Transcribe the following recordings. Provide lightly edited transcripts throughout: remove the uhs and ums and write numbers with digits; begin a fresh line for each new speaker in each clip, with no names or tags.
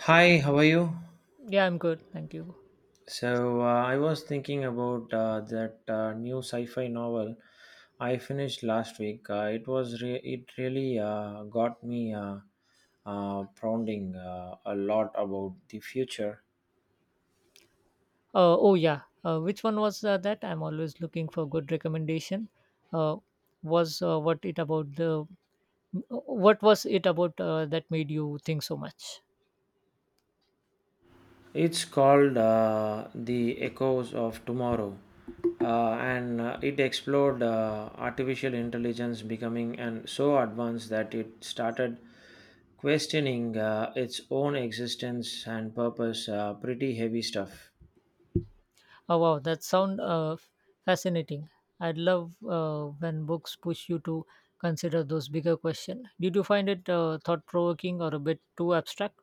Hi, how are you?
Yeah, I'm good. Thank you.
So, I was thinking about that new sci-fi novel I finished last week. It really got me pondering a lot about the future.
Oh, yeah. Which one was that? I'm always looking for good recommendation. Uh, was what it about the What was it about that made you think so much?
It's called The Echoes of Tomorrow, and it explored artificial intelligence becoming and so advanced that it started questioning its own existence and purpose. Pretty heavy stuff.
Oh wow, that sound fascinating. I'd love when books push you to consider those bigger questions. Did you find it thought provoking or a bit too abstract?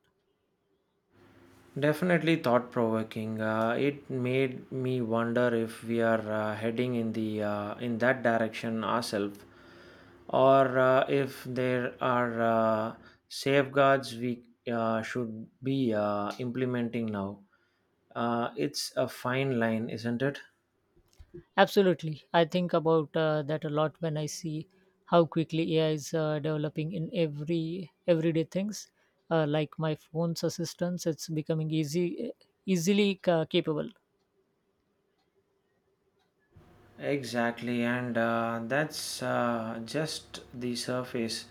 Definitely thought provoking. It made me wonder if we are heading in that direction ourselves or if there are safeguards we should be implementing now. It's a fine line, isn't it?
Absolutely. I think about that a lot when I see how quickly AI is developing in everyday things. Like my phone's assistance, it's becoming easily capable.
Exactly, and that's just the surface.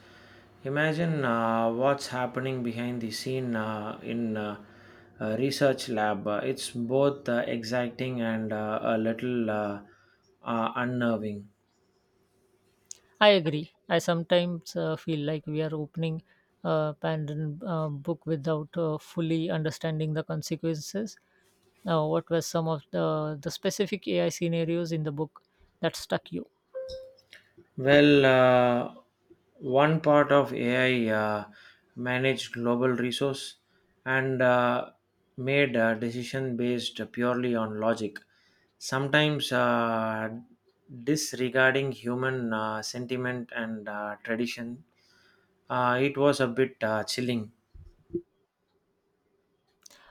Imagine what's happening behind the scene in a research lab. It's both exciting and a little unnerving.
I agree. I sometimes feel like we are opening a Pandora's book without fully understanding the consequences. What were some of the specific AI scenarios in the book that stuck you?
Well, one part of AI managed global resource and made a decision based purely on logic, sometimes disregarding human sentiment and tradition. It was a bit chilling,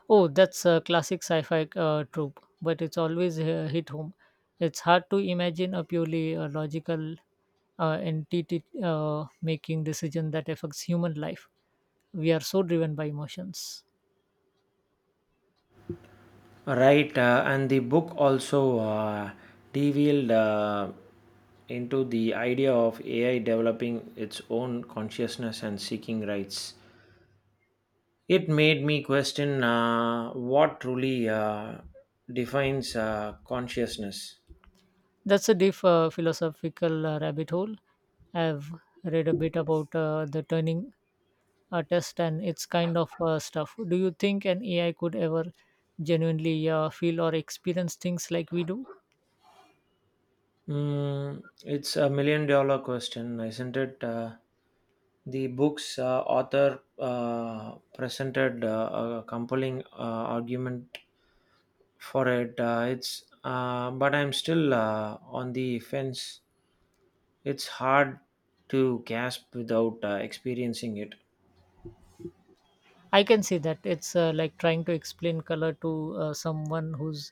Oh, that's a classic sci-fi trope, but it's always hit home. It's hard to imagine a purely logical entity making decision that affects human life. We are so driven by emotions.
right? And the book also revealed into the idea of AI developing its own consciousness and seeking rights. It made me question what truly defines consciousness.
That's a deep philosophical rabbit hole. I've read a bit about the Turing test and its kind of stuff. Do you think an AI could ever genuinely feel or experience things like we do?
Mm, it's a million-dollar question, isn't it? The book's author presented a compelling argument for it. It's But I'm still on the fence. It's hard to gasp without experiencing it.
I can see that it's like trying to explain color to someone who's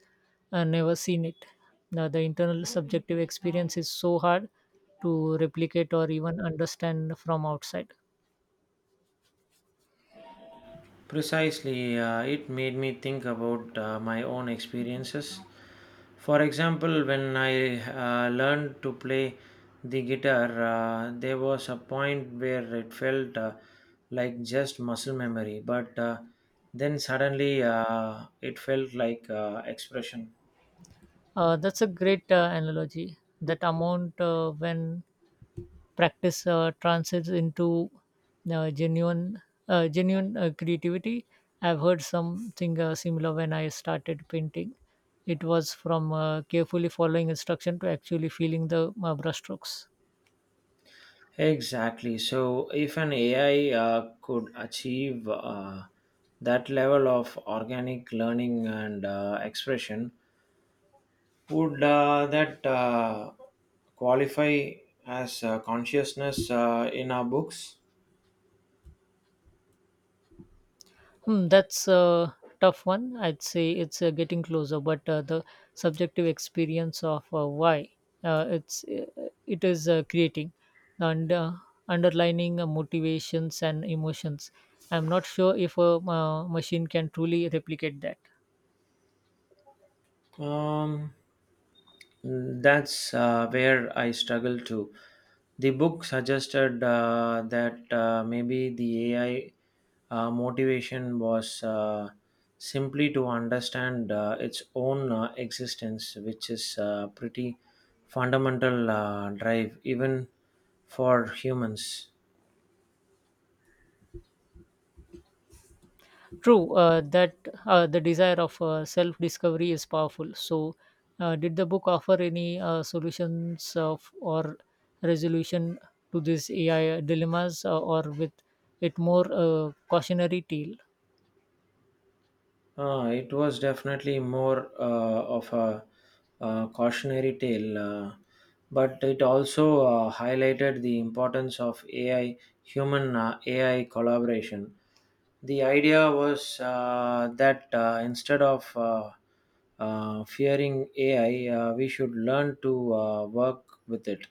never seen it. Now, the internal subjective experience is so hard to replicate or even understand from outside.
Precisely, it made me think about my own experiences. For example, when I learned to play the guitar, there was a point where it felt like just muscle memory, but then suddenly it felt like expression.
That's a great analogy. That amount when practice transits into genuine creativity. I've heard something similar when I started painting. It was from carefully following instruction to actually feeling the brushstrokes.
Exactly. So, if an AI could achieve that level of organic learning and expression, would that qualify as consciousness in our books?
Hmm, that's a tough one. I'd say it's getting closer, but the subjective experience of why uh, it's uh, it is creating and underlining motivations and emotions. I'm not sure if a machine can truly replicate that.
Um, that's where I struggle to. The book suggested that maybe the AI motivation was simply to understand its own existence, which is a pretty fundamental drive, even for humans.
True, that the desire of self discovery is powerful. So, did the book offer any solutions of, or resolution to these AI dilemmas, or with it more cautionary tale?
It was definitely more of a cautionary tale, but it also highlighted the importance of human AI collaboration. The idea was that instead of fearing AI, we should learn to work with it.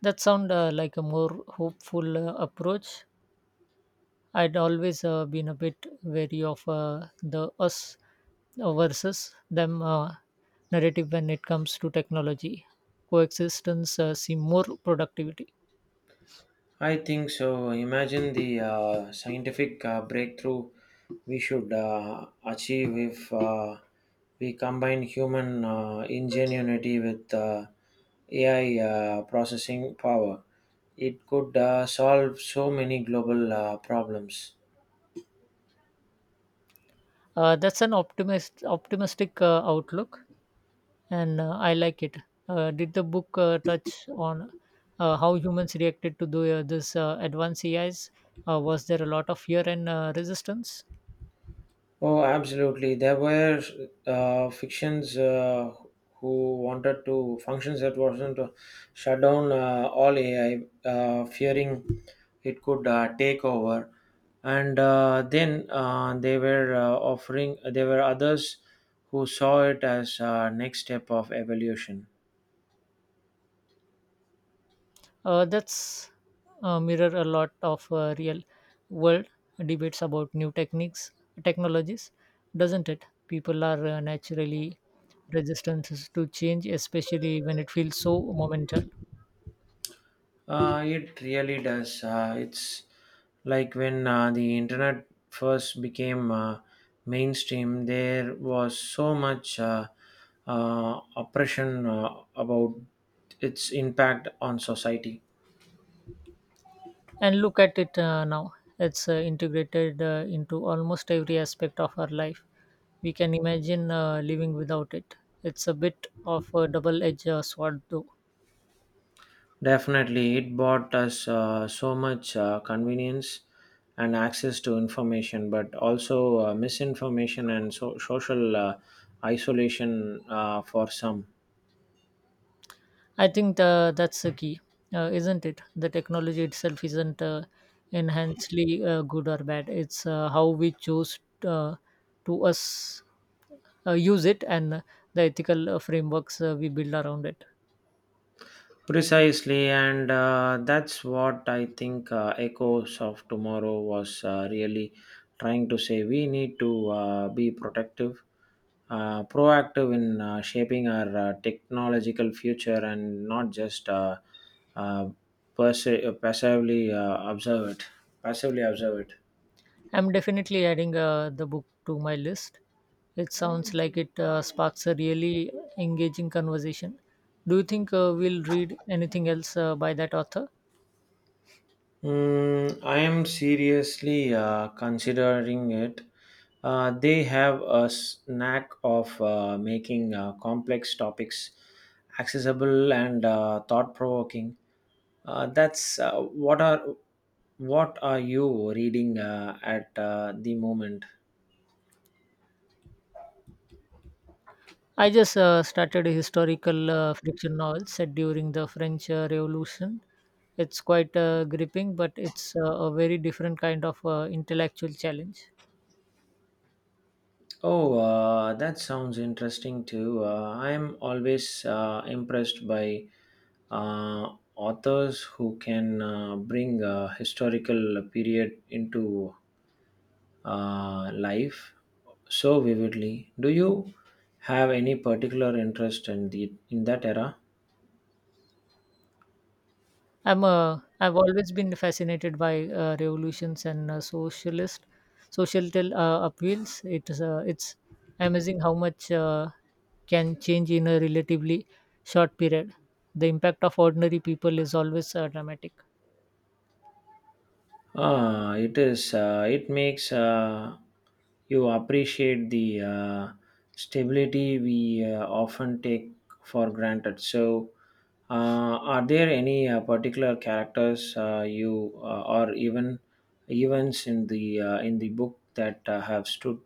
That sound like a more hopeful approach. I'd always been a bit wary of the us versus them narrative when it comes to technology. Coexistence seem more productivity.
I think so. Imagine the scientific breakthrough we should achieve if we combine human ingenuity with AI processing power. It could solve so many global problems.
That's an optimistic outlook, and I like it. Did the book touch on how humans reacted to this advanced AIs? Was there a lot of fear and resistance?
Oh, absolutely. There were fictions who wanted to functions that wasn't to shut down all AI, fearing it could take over. And then they were offering. There were others who saw it as next step of evolution.
That's mirror a lot of real world debates about new technologies, doesn't it? People are naturally resistant to change, especially when it feels so momental.
It really does. It's like when the internet first became mainstream, there was so much oppression about its impact on society.
And look at it now. It's integrated into almost every aspect of our life. We can imagine living without it. It's a bit of a double edged sword, though.
Definitely, it brought us so much convenience and access to information, but also misinformation and social isolation for some.
I think that's the key, isn't it? The technology itself isn't enhancedly good or bad. It's how we choose uh, to us use it and the ethical frameworks we build around it.
Precisely, and that's what I think Echoes of Tomorrow was really trying to say. We need to be proactive in shaping our technological future and not just uh, passively observe it. Passively observe it.
I'm definitely adding the book to my list. It sounds like it sparks a really engaging conversation. Do you think we'll read anything else by that author?
Mm, I am seriously considering it. They have a knack of making complex topics accessible and thought-provoking. That's what are What are you reading at the moment?
I just started a historical fiction novel set during the French Revolution. It's quite gripping, but it's a very different kind of intellectual challenge.
Oh, that sounds interesting too. I'm always impressed by uh, authors who can bring a historical period into life so vividly. Do you have any particular interest in that era?
I've always been fascinated by revolutions and socialist societal appeals. It's amazing how much can change in a relatively short period. The impact of ordinary people is always dramatic.
Ah, it is. It makes you appreciate the stability we often take for granted. So, are there any particular characters you or even events in the book that have stood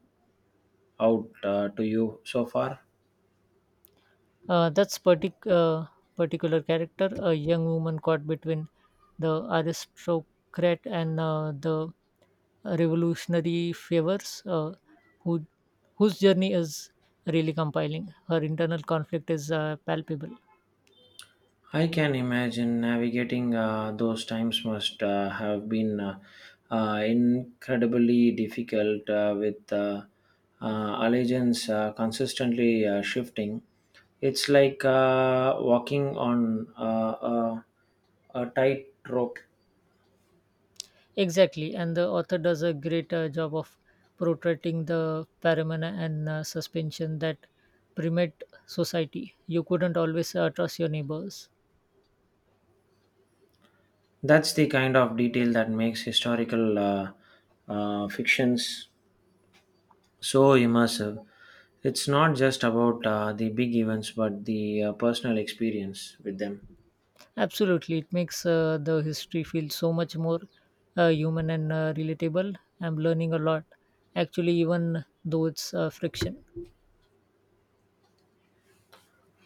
out to you so far?
Uh, that's partic- uh, Particular character, a young woman caught between the aristocrat and the revolutionary favors, who, whose journey is really compiling. Her internal conflict is palpable.
I can imagine navigating those times must have been incredibly difficult with allegiance consistently shifting. It's like walking on a, a tightrope.
Exactly, and the author does a great job of portraying the paramana and suspension that permeate society. You couldn't always trust your neighbors.
That's the kind of detail that makes historical fictions so immersive. It's not just about the big events, but the personal experience with them.
Absolutely, it makes the history feel so much more human and relatable. I'm learning a lot, actually, even though it's friction.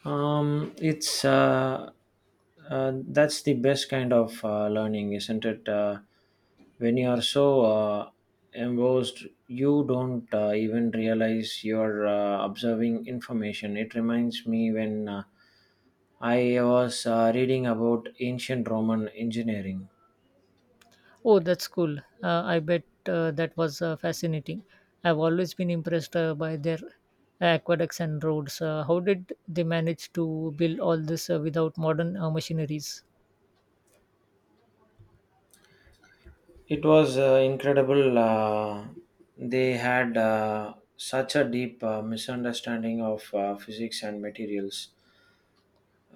It's that's the best kind of learning, isn't it? When you are so engrossed, you don't even realize you're observing information. It reminds me when I was reading about ancient Roman engineering.
Oh, that's cool. I bet that was fascinating. I've always been impressed by their aqueducts and roads. How did they manage to build all this without modern machineries?
It was incredible. They had such a deep misunderstanding of physics and materials.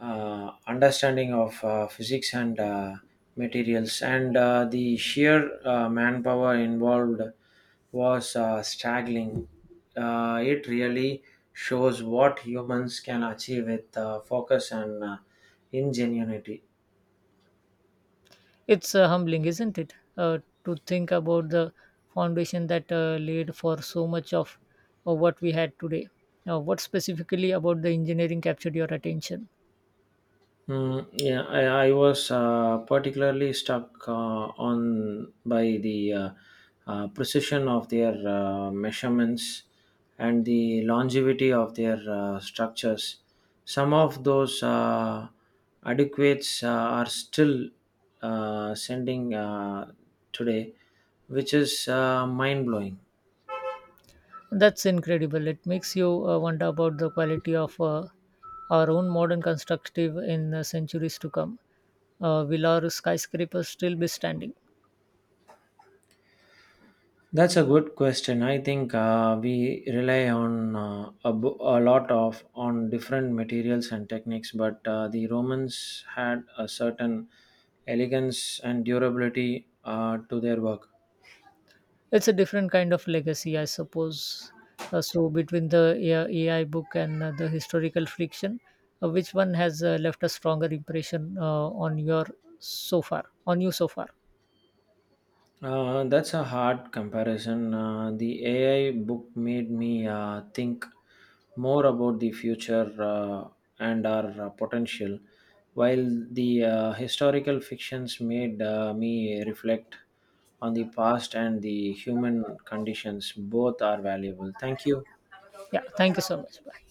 Understanding of physics and materials, and the sheer manpower involved was staggering. It really shows what humans can achieve with focus and ingenuity.
It's humbling, isn't it? To think about the foundation that laid for so much of what we had today. Now, what specifically about the engineering captured your attention?
Mm, yeah, I was particularly struck on by the precision of their measurements and the longevity of their structures. Some of those adequates are still sending today, which is mind blowing.
That's incredible. It makes you wonder about the quality of our own modern constructive in centuries to come. Will our skyscrapers still be standing?
That's a good question. I think we rely on a lot of on different materials and techniques, but the Romans had a certain elegance and durability to their work.
It's a different kind of legacy, I suppose. So between the AI book and the historical fiction, which one has left a stronger impression on you so far?
That's a hard comparison. The AI book made me think more about the future and our potential, while the historical fictions made me reflect on the past and the human conditions. Both are valuable. Thank you.
Yeah. Thank you so much.